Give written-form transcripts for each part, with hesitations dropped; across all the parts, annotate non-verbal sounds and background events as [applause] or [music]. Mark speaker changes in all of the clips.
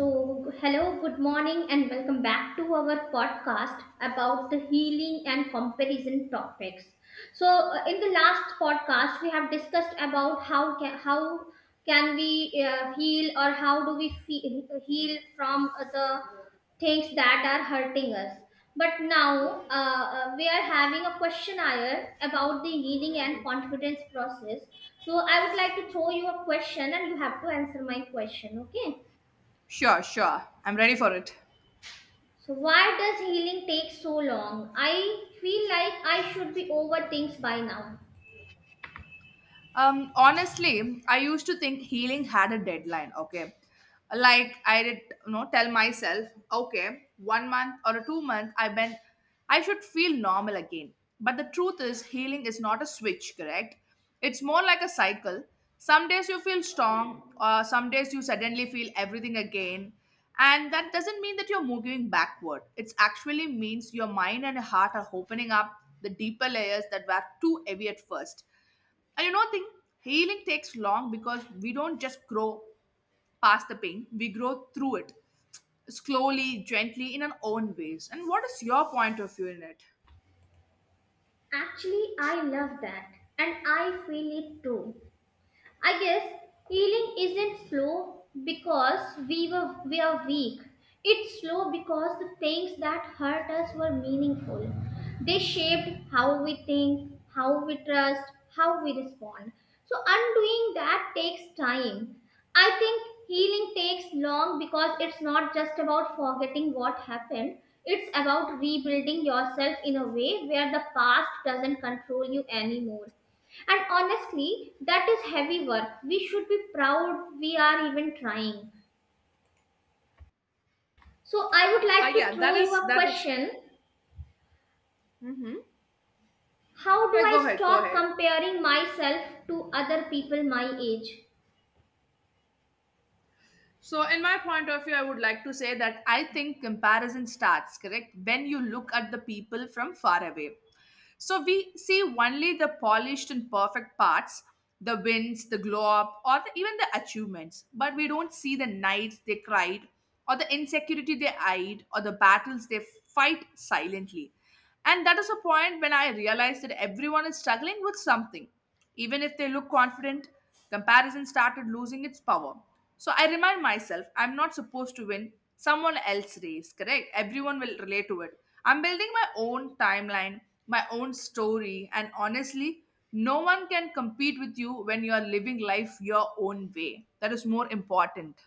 Speaker 1: So, hello, good morning, and welcome back to our podcast about the healing and comparison topics. So, in the last podcast, we have discussed about how can we heal, or how do we heal from the things that are hurting us. But now we are having a questionnaire about the healing and confidence process. So, I would like to throw you a question, and you have to answer my question. Okay.
Speaker 2: Sure, sure. I'm ready for it.
Speaker 1: So why does healing take so long? I feel like I should be over things by now.
Speaker 2: Honestly, I used to think healing had a deadline. Okay, like I did, you know, tell myself, okay, 1 month or a 2 month, I should feel normal again. But the truth is, healing is not a switch. Correct? It's more like a cycle. Some days you feel strong, some days you suddenly feel everything again, and that doesn't mean that you're moving backward. It actually means your mind and heart are opening up the deeper layers that were too heavy at first and you know, thing healing takes long because we don't just grow past the pain; we grow through it slowly, gently, in our own ways. And what is your point of view in it?
Speaker 1: Actually, I love that, and I feel it too. I guess healing isn't slow because we are weak. It's slow because the things that hurt us were meaningful. They shaped how we think, how we trust, how we respond. So undoing that takes time. I think healing takes long because it's not just about forgetting what happened. It's about rebuilding yourself in a way where the past doesn't control you anymore, and honestly, that is heavy work. We should be proud we are even trying. So, I would
Speaker 2: Uh,
Speaker 1: like to
Speaker 2: yeah, that
Speaker 1: throw you
Speaker 2: is
Speaker 1: a
Speaker 2: that is.
Speaker 1: question.
Speaker 2: Mm-hmm.
Speaker 1: How do
Speaker 2: Yeah, go
Speaker 1: I
Speaker 2: ahead, go
Speaker 1: stop
Speaker 2: ahead.
Speaker 1: comparing myself to other people my age?
Speaker 2: So, in my point of view, I would like to say that I think comparison starts, correct, when you look at the people from far away. So, we see only the polished and perfect parts, the wins, the glow up, or even the achievements, but we don't see the nights they cried, or the insecurity they eyed, or the battles they fight silently. And that is a point when I realized that everyone is struggling with something. Even if they look confident, comparison started losing its power. So I remind myself I'm not supposed to win someone else's race, correct? Everyone will relate to it. I'm building my own timeline, my own story, and honestly, no one can compete with you when you are living life your own way. That is more important.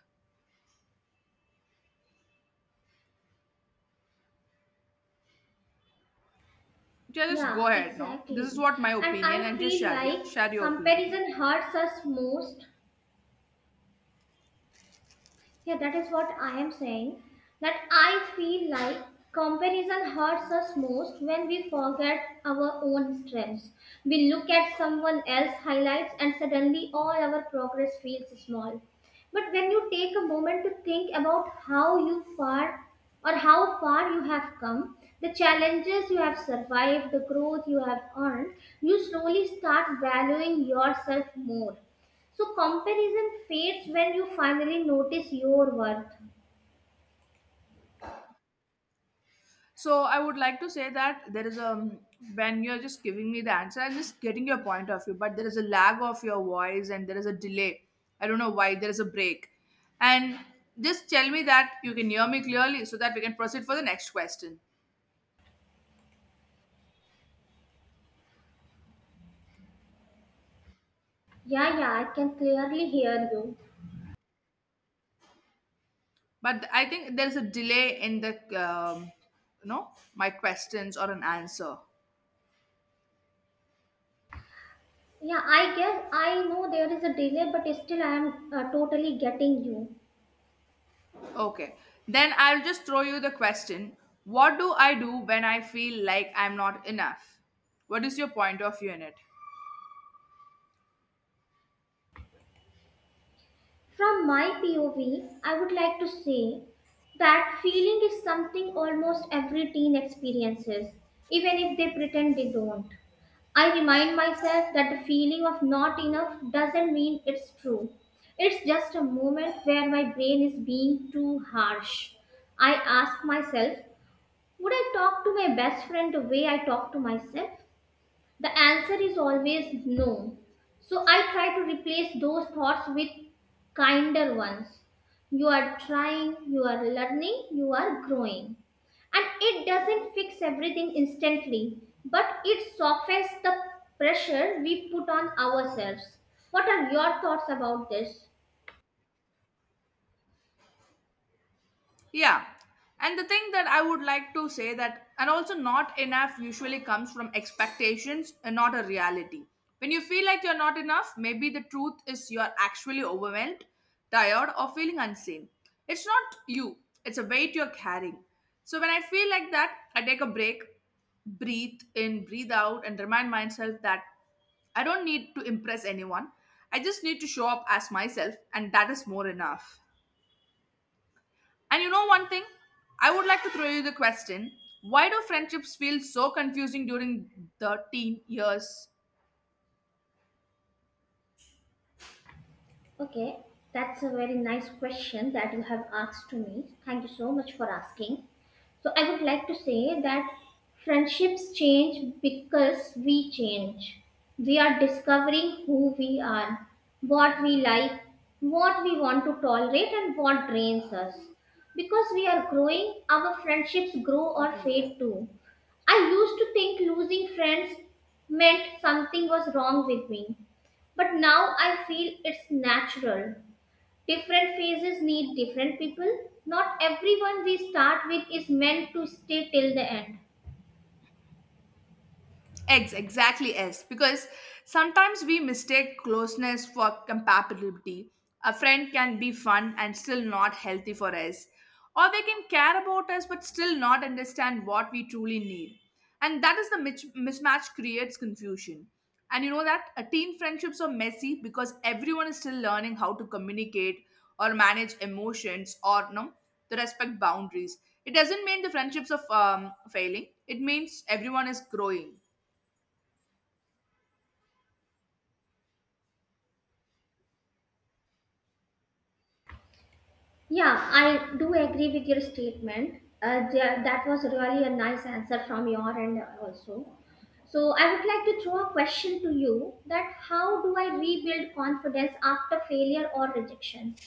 Speaker 2: Yeah, just go
Speaker 1: Yeah,
Speaker 2: ahead, no? This is
Speaker 1: exactly.
Speaker 2: what my
Speaker 1: And
Speaker 2: opinion
Speaker 1: I
Speaker 2: and just
Speaker 1: feel like
Speaker 2: share your opinion.
Speaker 1: comparison hurts us most yeah, that is what I am saying. That I feel like comparison hurts us most when we forget our own strengths. We look at someone else's highlights and suddenly all our progress feels small. But when you take a moment to think about how you far or how far you have come, the challenges you have survived, the growth you have earned, you slowly start valuing yourself more. So comparison fades when you finally notice your worth.
Speaker 2: So I would like to say that there is a when you're just giving me the answer, I'm just getting your point of view, but there is a lag of your voice and there is a delay. I don't know why there is a break. And just tell me that you can hear me clearly so that we can proceed for the next question.
Speaker 1: Yeah, yeah, I can clearly hear you.
Speaker 2: But I think there is a delay in the you know my questions or an answer.
Speaker 1: Yeah, I guess I know there is a delay, but still I am totally getting you.
Speaker 2: Okay, then I'll just throw you the question. What do I do when I feel like I'm not enough? What is your point of view in it?
Speaker 1: From my POV, I would like to say that feeling is something almost every teen experiences, even if they pretend they don't. I remind myself that the feeling of not enough doesn't mean it's true. It's just a moment where my brain is being too harsh. I ask myself, would I talk to my best friend the way I talk to myself? The answer is always no. So I try to replace those thoughts with kinder ones. You are trying, you are learning, you are growing. And it doesn't fix everything instantly, but it softens the pressure we put on ourselves. What are your thoughts about this?
Speaker 2: Yeah. And the thing that I would like to say that, and also not enough usually comes from expectations and not a reality. When you feel like you're not enough, maybe the truth is you're actually overwhelmed, tired, or feeling unseen. It's not you, it's a weight you're carrying. So when I feel like that, I take a break, breathe in, breathe out, and remind myself that I don't need to impress anyone. I just need to show up as myself, and that is more enough. And you know one thing? I would like to throw you the question why do friendships feel so confusing during the teen years?
Speaker 1: Okay, that's a very nice question that you have asked to me. Thank you so much for asking. So, I would like to say that friendships change because we change. We are discovering who we are, what we like, what we want to tolerate, and what drains us. Because we are growing, our friendships grow or fade too. I used to think losing friends meant something was wrong with me. But now I feel it's natural. Different phases need different people. Not everyone we start with is meant to stay till the end.
Speaker 2: Eggs, exactly, yes. Because sometimes we mistake closeness for compatibility. A friend can be fun and still not healthy for us. Or they can care about us but still not understand what we truly need. And that is the mismatch creates confusion. And you know that teen friendships are messy because everyone is still learning how to communicate or manage emotions or no, to respect boundaries. It doesn't mean the friendships are failing. It means everyone is growing.
Speaker 1: Yeah, I do agree with your statement. That was really a nice answer from your end also. So I would like to throw a question to you, that how do I rebuild confidence after failure or rejection?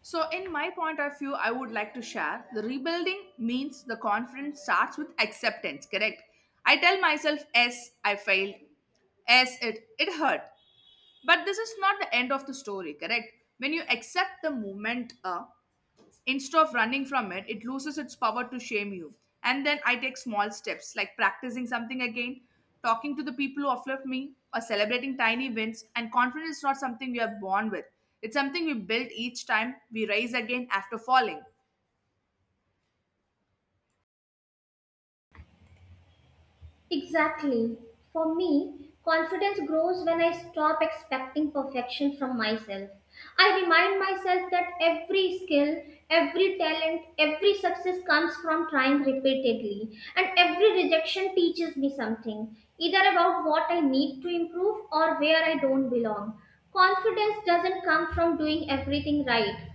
Speaker 2: So, in my point of view, I would like to share the rebuilding means the confidence starts with acceptance, correct? I tell myself, yes, I failed. Yes, it hurt. But this is not the end of the story, correct? When you accept the moment, instead of running from it, it loses its power to shame you. And then I take small steps like practicing something again, talking to the people who uplift me, or celebrating tiny wins. And confidence is not something we are born with, it's something we build each time we rise again after falling.
Speaker 1: Exactly. For me, confidence grows when I stop expecting perfection from myself. I remind myself that every skill, every talent, every success comes from trying repeatedly, and every rejection teaches me something, either about what I need to improve or where I don't belong. Confidence doesn't come from doing everything right,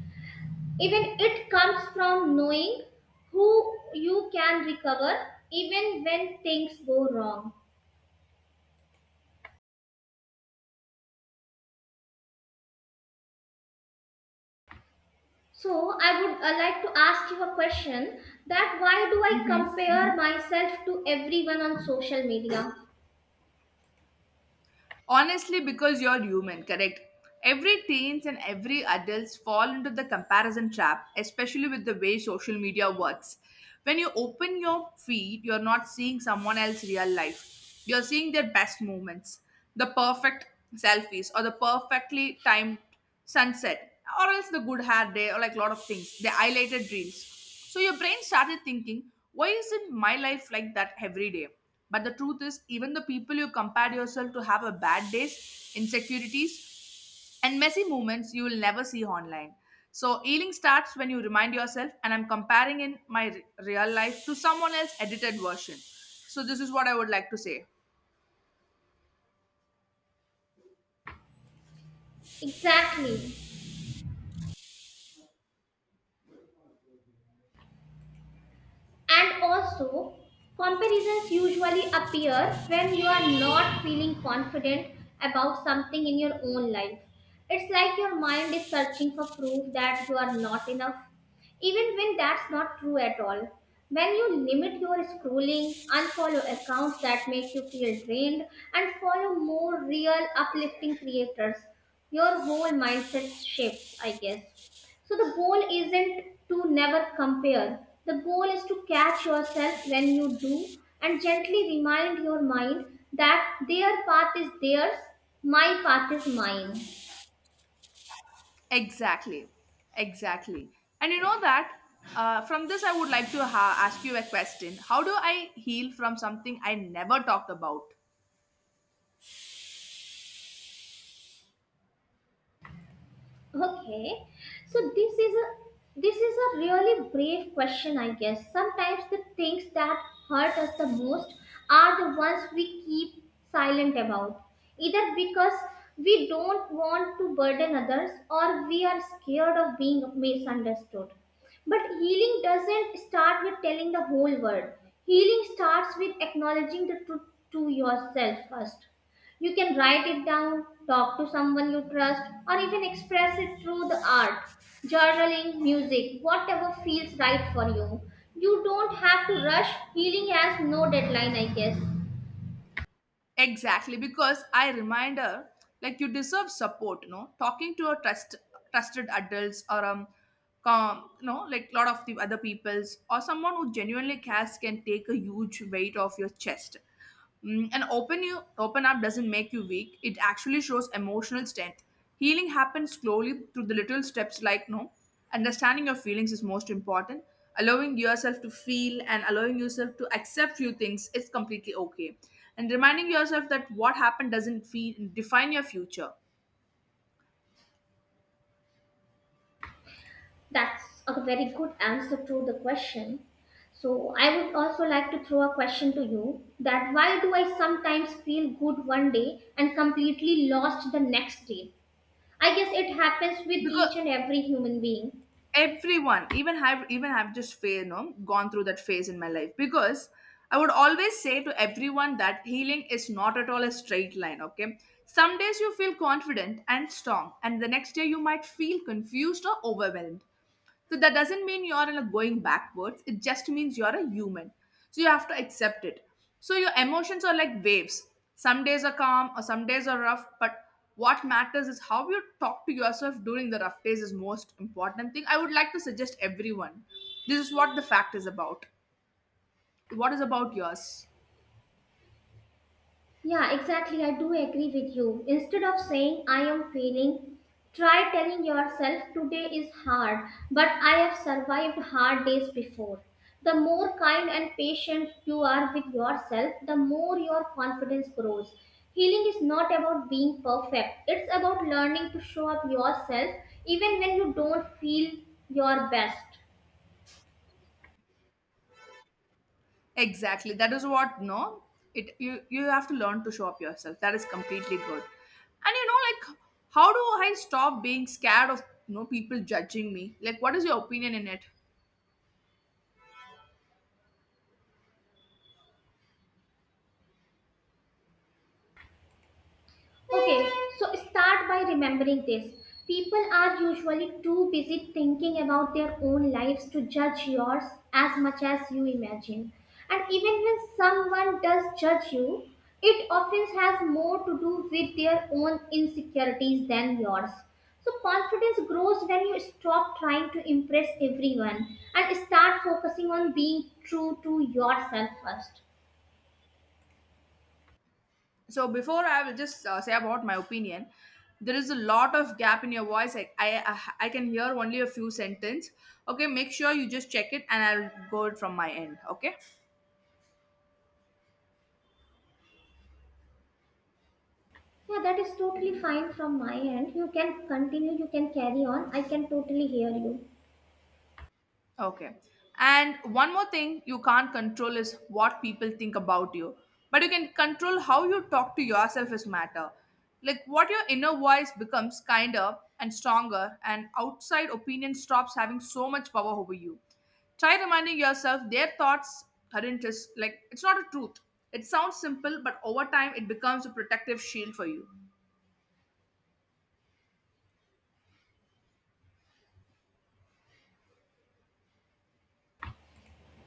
Speaker 1: even it comes from knowing who you can recover even when things go wrong. So I would like to ask you a question, that why do I
Speaker 2: Hmm.
Speaker 1: compare myself to everyone on social media?
Speaker 2: Honestly, because you're human, correct? Every teens and every adults fall into the comparison trap, especially with the way social media works. When you open your feed, you're not seeing someone else's real life. You're seeing their best moments, the perfect selfies, or the perfectly timed sunset, or else the good hair day, or like a lot of things, the highlighted reels. So your brain started thinking, why isn't my life like that every day? But the truth is, even the people you compare yourself to have a bad days, insecurities, and messy moments you will never see online. So healing starts when you remind yourself, and I'm comparing in my real life to someone else's edited version. So this is what I would like to say.
Speaker 1: Exactly. And also, comparisons usually appear when you are not feeling confident about something in your own life. It's like your mind is searching for proof that you are not enough, even when that's not true at all. When you limit your scrolling, unfollow accounts that make you feel drained, and follow more real, uplifting creators, your whole mindset shifts, I guess. So the goal isn't to never compare. The goal is to catch yourself when you do and gently remind your mind that their path is theirs, my path is mine.
Speaker 2: Exactly, exactly. And you know that from this, I would like to ask you a question. How do I heal from something I never talked about?
Speaker 1: Okay, so this is a really brave question, I guess. Sometimes the things that hurt us the most are the ones we keep silent about, either because we don't want to burden others or we are scared of being misunderstood. But healing doesn't start with telling the whole world. Healing starts with acknowledging the truth to yourself first. You can write it down, talk to someone you trust, or even express it through the art, journaling, music, whatever feels right for you. You don't have to rush. Healing has no deadline, I guess.
Speaker 2: Exactly, because I remind her, like you deserve support, you know, talking to a trust, trusted adults or you know, like lot of the other people's or someone who genuinely cares can take a huge weight off your chest. Mm, and open you open up doesn't make you weak. It actually shows emotional strength. Healing happens slowly through the little steps like no. Understanding your feelings is most important. Allowing yourself to feel and allowing yourself to accept few things is completely okay. And reminding yourself that what happened doesn't feel define your future.
Speaker 1: That's a very good answer to the question. So, I would also like to throw a question to you, that why do I sometimes feel good one day and completely lost the next day? I guess it happens with
Speaker 2: Because
Speaker 1: each and every human being.
Speaker 2: everyone even have just phase, you know, gone through that phase in my life because I would always say to everyone that healing is not at all a straight line. Okay, some days you feel confident and strong and the next day you might feel confused or overwhelmed, so that doesn't mean you're in a going backwards. It just means you're a human. So you have to accept it. So your emotions are like waves. Some days are calm or some days are rough, but what matters is how you talk to yourself during the rough days is most important thing. I would like to suggest everyone. This is what the fact is about. What is about yours?
Speaker 1: Yeah, exactly. I do agree with you. Instead of saying I am failing, try telling yourself today is hard, but I have survived hard days before. The more kind and patient you are with yourself, the more your confidence grows. Healing is not about being perfect, it's about learning to show up yourself even when you don't feel your best.
Speaker 2: Exactly. That is what no. It you have to learn to show up yourself. That is completely good. And you know, like how do I stop being scared of you know people judging me? Like, what is your opinion in it?
Speaker 1: Okay, so start by remembering this. People are usually too busy thinking about their own lives to judge yours as much as you imagine. And even when someone does judge you, it often has more to do with their own insecurities than yours. So, confidence grows when you stop trying to impress everyone and start focusing on being true to yourself first.
Speaker 2: So before I will just say about my opinion. There is a lot of gap in your voice. I can hear only a few sentence. Okay, make sure you just check it, and I'll go it from my end. Okay.
Speaker 1: Yeah, that is totally fine from my end. You can continue, you can carry on. I can totally hear you.
Speaker 2: Okay. And one more thing you can't control is what people think about you. But you can control how you talk to yourself is matter. Like what your inner voice becomes kinder and stronger and outside opinion stops having so much power over you. Try reminding yourself their thoughts aren't just like it's not a truth. It sounds simple, but over time it becomes a protective shield for you.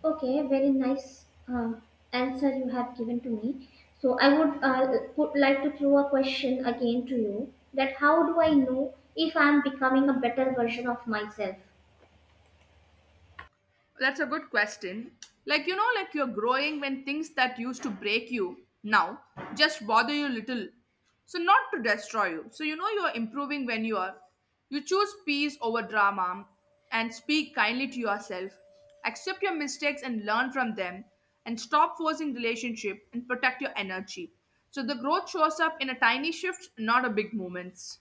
Speaker 1: Okay, very nice uh, answer you have given to me. So I would like to throw a question again to you, that how do I know if I'm becoming a better version of myself?
Speaker 2: That's a good question. Like, you know, like you're growing when things that used to break you now just bother you little. So, not to destroy you. So, you know, you're improving when you are. You choose peace over drama and speak kindly to yourself. Accept your mistakes and learn from them and stop forcing relationship and protect your energy. So, the growth shows up in a tiny shift, not a big moments.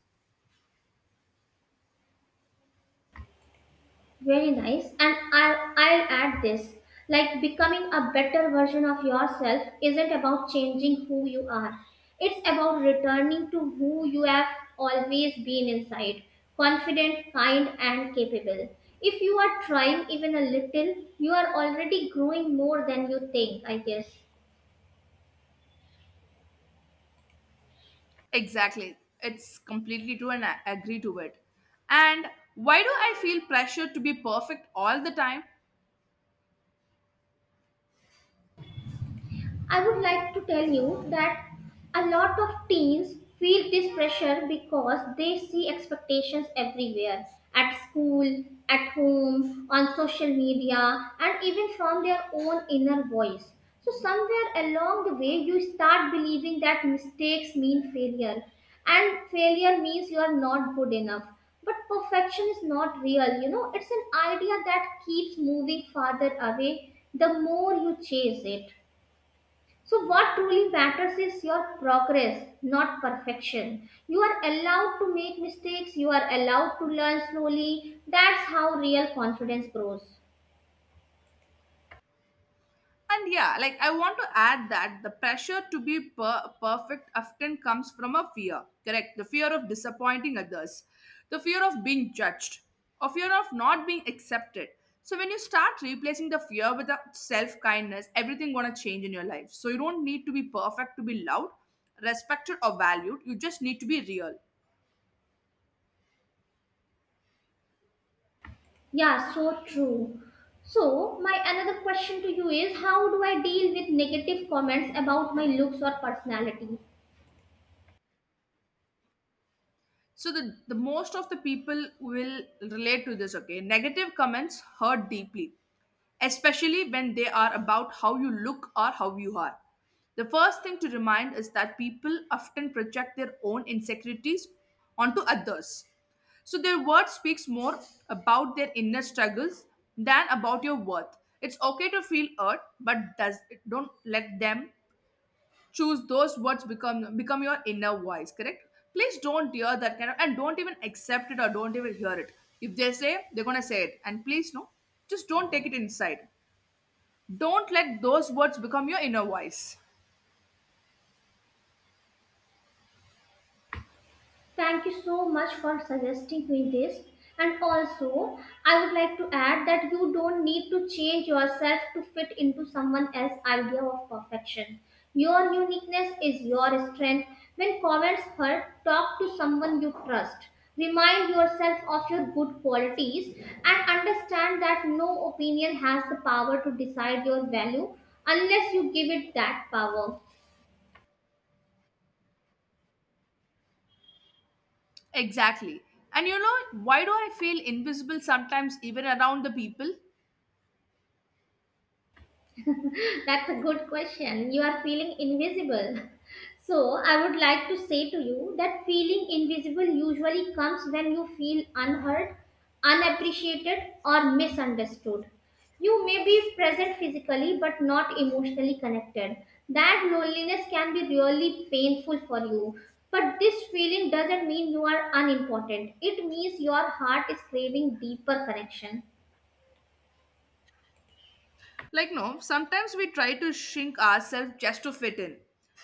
Speaker 1: Very nice. And I'll add this, like becoming a better version of yourself isn't about changing who you are, it's about returning to who you have always been inside: confident, kind, and capable. If you are trying even a little, you are already growing more than you think, I guess.
Speaker 2: Exactly. It's completely true and I agree to it. And why do I feel pressure to be perfect all the time?
Speaker 1: I would like to tell you that a lot of teens feel this pressure because they see expectations everywhere: at school, at home, on social media, and even from their own inner voice. So, somewhere along the way, you start believing that mistakes mean failure, and failure means you are not good enough. But perfection is not real, you know, it's an idea that keeps moving farther away the more you chase it. So, what truly matters is your progress, not perfection. You are allowed to make mistakes, you are allowed to learn slowly. That's how real confidence grows.
Speaker 2: And yeah, like I want to add that the pressure to be perfect often comes from a fear, correct? The fear of disappointing others, the fear of being judged, or fear of not being accepted. So when you start replacing the fear with self kindness, everything gonna change in your life. So you don't need to be perfect to be loved, respected, or valued. You just need to be real.
Speaker 1: Yeah, so true. So, my another question to you is, how do I deal with negative comments about my looks or personality?
Speaker 2: So the most of the people will relate to this. Okay, negative comments hurt deeply, especially when they are about how you look or how you are. The first thing to remind is that people often project their own insecurities onto others, so their word speaks more about their inner struggles than about your worth. It's okay to feel hurt, but does don't let them choose those words become your inner voice, correct? Please don't hear that kind of, and don't even accept it or don't even hear it. If they say, they're gonna say it, and please no, just don't take it inside. Don't let those words become your inner voice.
Speaker 1: Thank you so much for suggesting me this. And also, I would like to add that you don't need to change yourself to fit into someone else's idea of perfection. Your uniqueness is your strength. When comments hurt, talk to someone you trust. Remind yourself of your good qualities and understand that no opinion has the power to decide your value unless you give it that power.
Speaker 2: Exactly. And you know, why do I feel invisible sometimes even around the people?
Speaker 1: [laughs] That's a good question. You are feeling invisible. [laughs] So, I would like to say to you that feeling invisible usually comes when you feel unheard, unappreciated, or misunderstood. You may be present physically but not emotionally connected. That loneliness can be really painful for you. But this feeling doesn't mean you are unimportant. It means your heart is craving deeper connection.
Speaker 2: Like, no, sometimes we try to shrink ourselves just to fit in,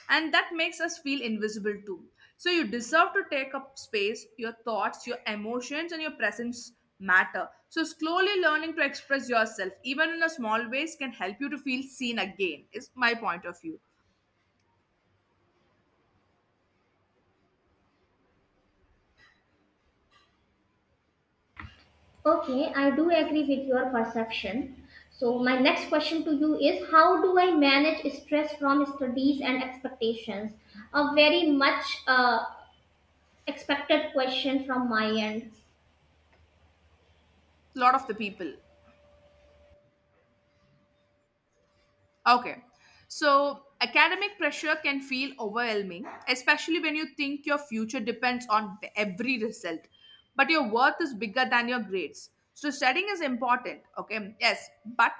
Speaker 2: and that makes us feel invisible too. So, you deserve to take up space, your thoughts, your emotions, and your presence matter. So, slowly learning to express yourself, even in a small ways, can help you to feel seen again, is my point of view.
Speaker 1: Okay, I do agree with your perception. So, my next question to you is, how do I manage stress from studies and expectations? A very much expected question from my end.
Speaker 2: A lot of the people. Okay. So, academic pressure can feel overwhelming, especially when you think your future depends on every result. But your worth is bigger than your grades. So, studying is important. Okay. Yes. But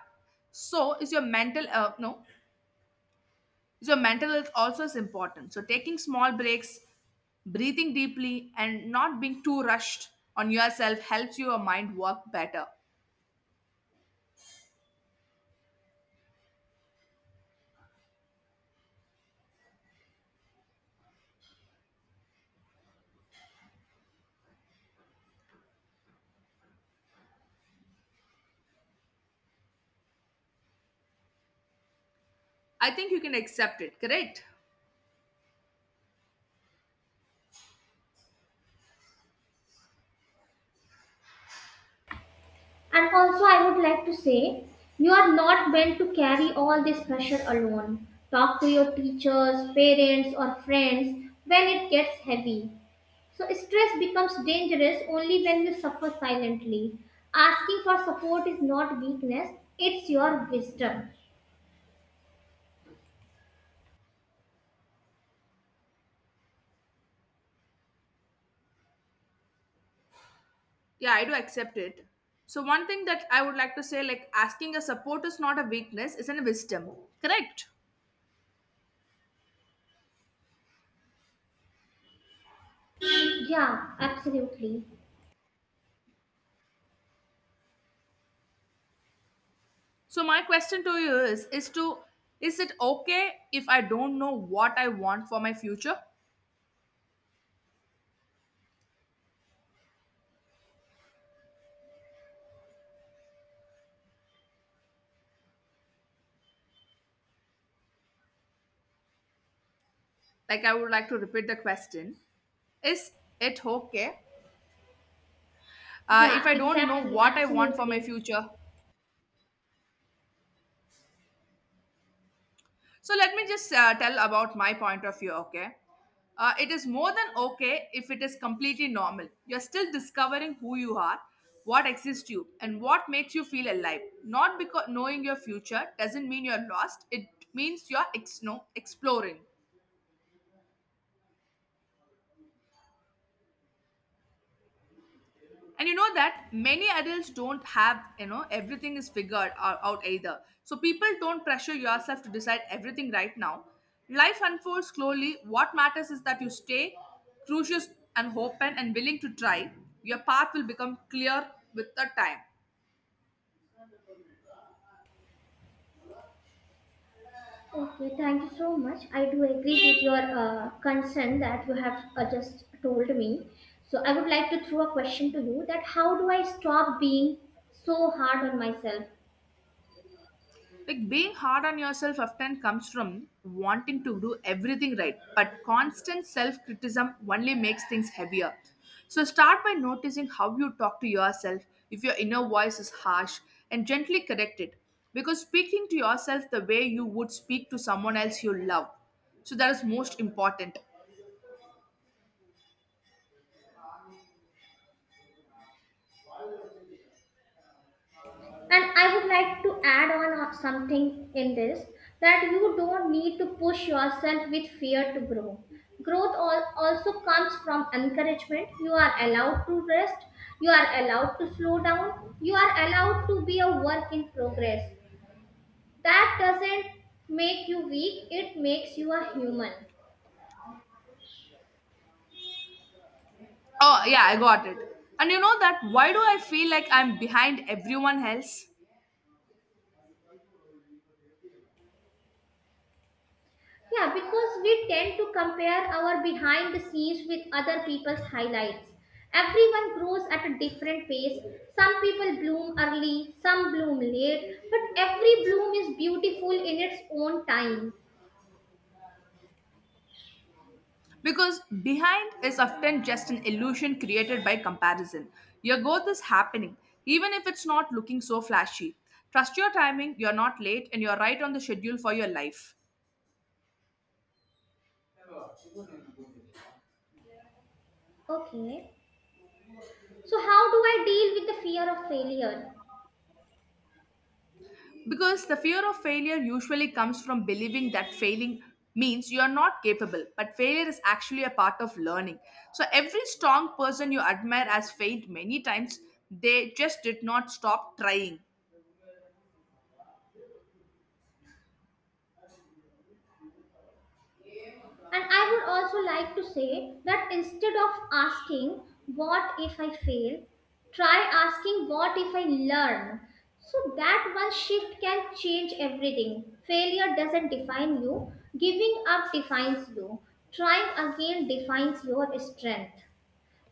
Speaker 2: so is your mental, no, is your mental health also is important. So, taking small breaks, breathing deeply, and not being too rushed on yourself helps your mind work better. I think you can accept it, correct?
Speaker 1: And also, I would like to say you are not meant to carry all this pressure alone. Talk to your teachers, parents, or friends when it gets heavy. So, stress becomes dangerous only when you suffer silently. Asking for support is not weakness, it's your wisdom.
Speaker 2: Yeah, I do accept it. So one thing that I would like to say, like asking a support is not a weakness, it's a wisdom. Correct.
Speaker 1: Yeah, absolutely.
Speaker 2: So my question to you is to is it okay if I don't know what I want for my future? Like I would like to repeat the question. Is it okay if
Speaker 1: Yeah,
Speaker 2: I don't know
Speaker 1: exactly,
Speaker 2: what I want for my
Speaker 1: absolutely.
Speaker 2: future? So let me just tell about my point of view, okay? It is more than okay if it is completely normal. You're still discovering who you are, what exists you, and what makes you feel alive. Not because knowing your future doesn't mean you're lost, it means you're ex- no, exploring. And you know that many adults don't have, you know, everything is figured out either. So people, don't pressure yourself to decide everything right now. Life unfolds slowly. What matters is that you stay curious and open and willing to try. Your path will become clear with the time.
Speaker 1: Okay, thank you so much. I do agree with your concern that you have just told me. So, I would like to throw a question to you, that how do I stop being so hard on myself?
Speaker 2: Like being hard on yourself often comes from wanting to do everything right, but constant self criticism only makes things heavier. So start by noticing how you talk to yourself. If your inner voice is harsh, and gently correct it. Because speaking to yourself the way you would speak to someone else you love. So that is most important.
Speaker 1: And I would like to add on something in this, that you don't need to push yourself with fear to grow. Growth also comes from encouragement. You are allowed to rest, you are allowed to slow down, you are allowed to be a work in progress. That doesn't make you weak, it makes you a human.
Speaker 2: Oh, yeah, I got it. And you know that why do I feel like I'm behind everyone else?
Speaker 1: Yeah, because we tend to compare our behind the scenes with other people's highlights. Everyone grows at a different pace. Some people bloom early, some bloom late, but every bloom is beautiful in its own time.
Speaker 2: Because behind is often just an illusion created by comparison. Your growth is happening, even if it's not looking so flashy. Trust your timing, you're not late, and you're right on the schedule for your life.
Speaker 1: Okay. So, how do I deal with the fear of failure?
Speaker 2: Because the fear of failure usually comes from believing that failing means you are not capable, but failure is actually a part of learning. So, every strong person you admire has failed many times, they just did not stop trying.
Speaker 1: And I would also like to say that instead of asking, "What if I fail?" try asking, "What if I learn?" So that one shift can change everything. Failure doesn't define you, giving up defines you, trying again defines your strength.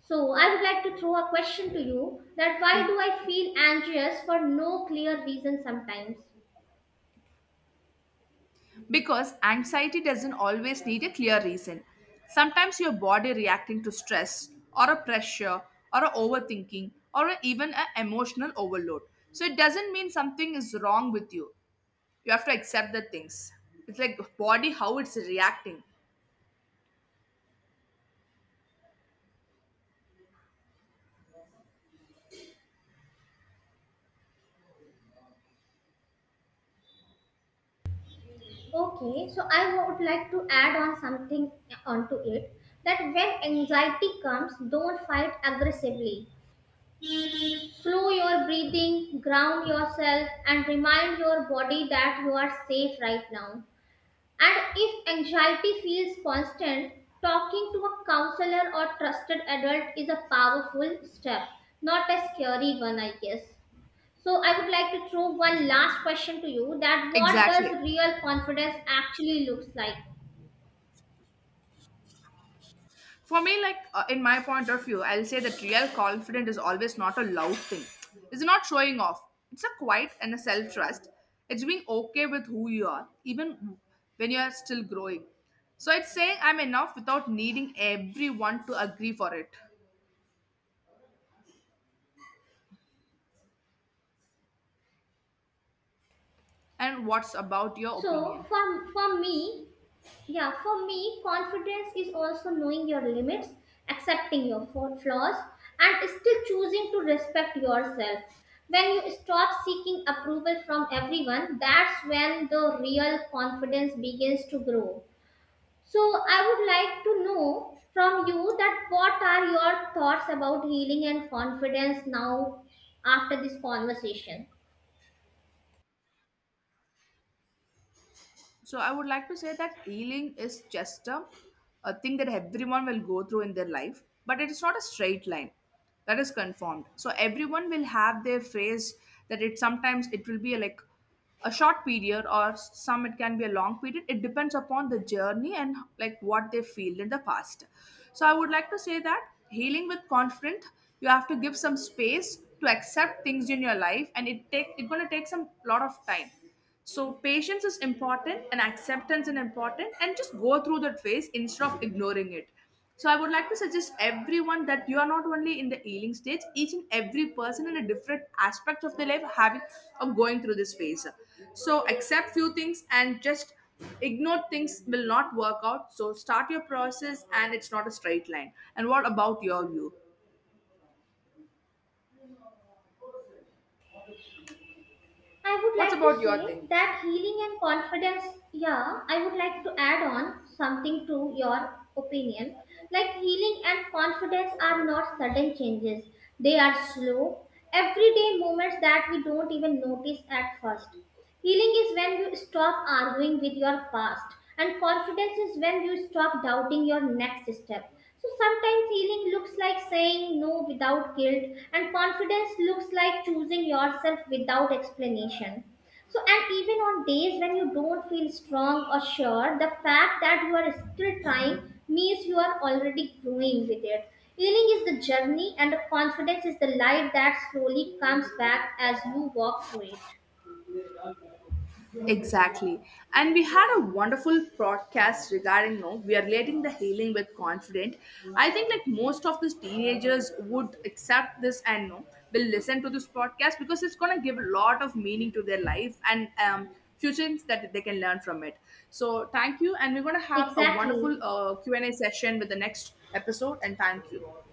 Speaker 1: So I would like to throw a question to you, that why
Speaker 2: E-
Speaker 1: do I feel anxious for no clear reason sometimes?
Speaker 2: Because anxiety doesn't always need a clear reason. Sometimes your body reacting to stress or a pressure or a overthinking or even an emotional overload. So it doesn't mean something is wrong with you. You have to accept the things. It's like body how it's reacting.
Speaker 1: Okay, so I would like to add on something onto it, that when anxiety comes, don't fight aggressively. Slow your breathing, ground yourself, and remind your body that you are safe right now. And if anxiety feels constant, talking to a counselor or trusted adult is a powerful step, not a scary one, I guess. So I would like to throw one last question to you, that what
Speaker 2: Exactly.
Speaker 1: does real confidence actually looks like?
Speaker 2: For me, like in my point of view, I'll say that real confidence is always not a loud thing. It's not showing off. It's a quiet and a self trust. It's being okay with who you are, even when you are still growing. So it's saying I'm enough without needing everyone to agree for it. And what's about your
Speaker 1: So
Speaker 2: opinion?
Speaker 1: yeah, for me, confidence is also knowing your limits, accepting your flaws, and still choosing to respect yourself. When you stop seeking approval from everyone, that's when the real confidence begins to grow. So I would like to know from you, that what are your thoughts about healing and confidence now after this conversation?
Speaker 2: So I would like to say that healing is just a thing that everyone will go through in their life, but it is not a straight line. That is confirmed. So everyone will have their phase that it sometimes it will be like a short period or some it can be a long period. It depends upon the journey and like what they feel in the past. So I would like to say that healing with confidence, you have to give some space to accept things in your life and it's gonna take some lot of time. So patience is important and acceptance is important and just go through that phase instead of ignoring it. So I would like to suggest everyone that you are not only in the healing stage, each and every person in a different aspect of their life having or going through this phase. So accept few things and just ignore things will not work out. So start your process and it's not a straight line. And what about your view?
Speaker 1: I would
Speaker 2: What's
Speaker 1: like
Speaker 2: about
Speaker 1: to
Speaker 2: your thing?
Speaker 1: say that healing and confidence, yeah, I would like to add on something to your opinion. Like healing and confidence are not sudden changes, they are slow, everyday moments that we don't even notice at first. Healing is when you stop arguing with your past, and confidence is when you stop doubting your next step. So sometimes healing looks like saying no without guilt, and confidence looks like choosing yourself without explanation. So, and even on days when you don't feel strong or sure, the fact that you are still trying means you are already growing with it. Healing is the journey, and the confidence is the light that slowly comes back as you walk through it.
Speaker 2: Exactly. And we had a wonderful podcast regarding, no, we are relating the healing with confident. I think like most of these teenagers would accept this and no, will listen to this podcast because it's going to give a lot of meaning to their life and few things that they can learn from it. So thank you. And we're going to have a wonderful
Speaker 1: Exactly.
Speaker 2: Q&A session with the next episode. And thank you.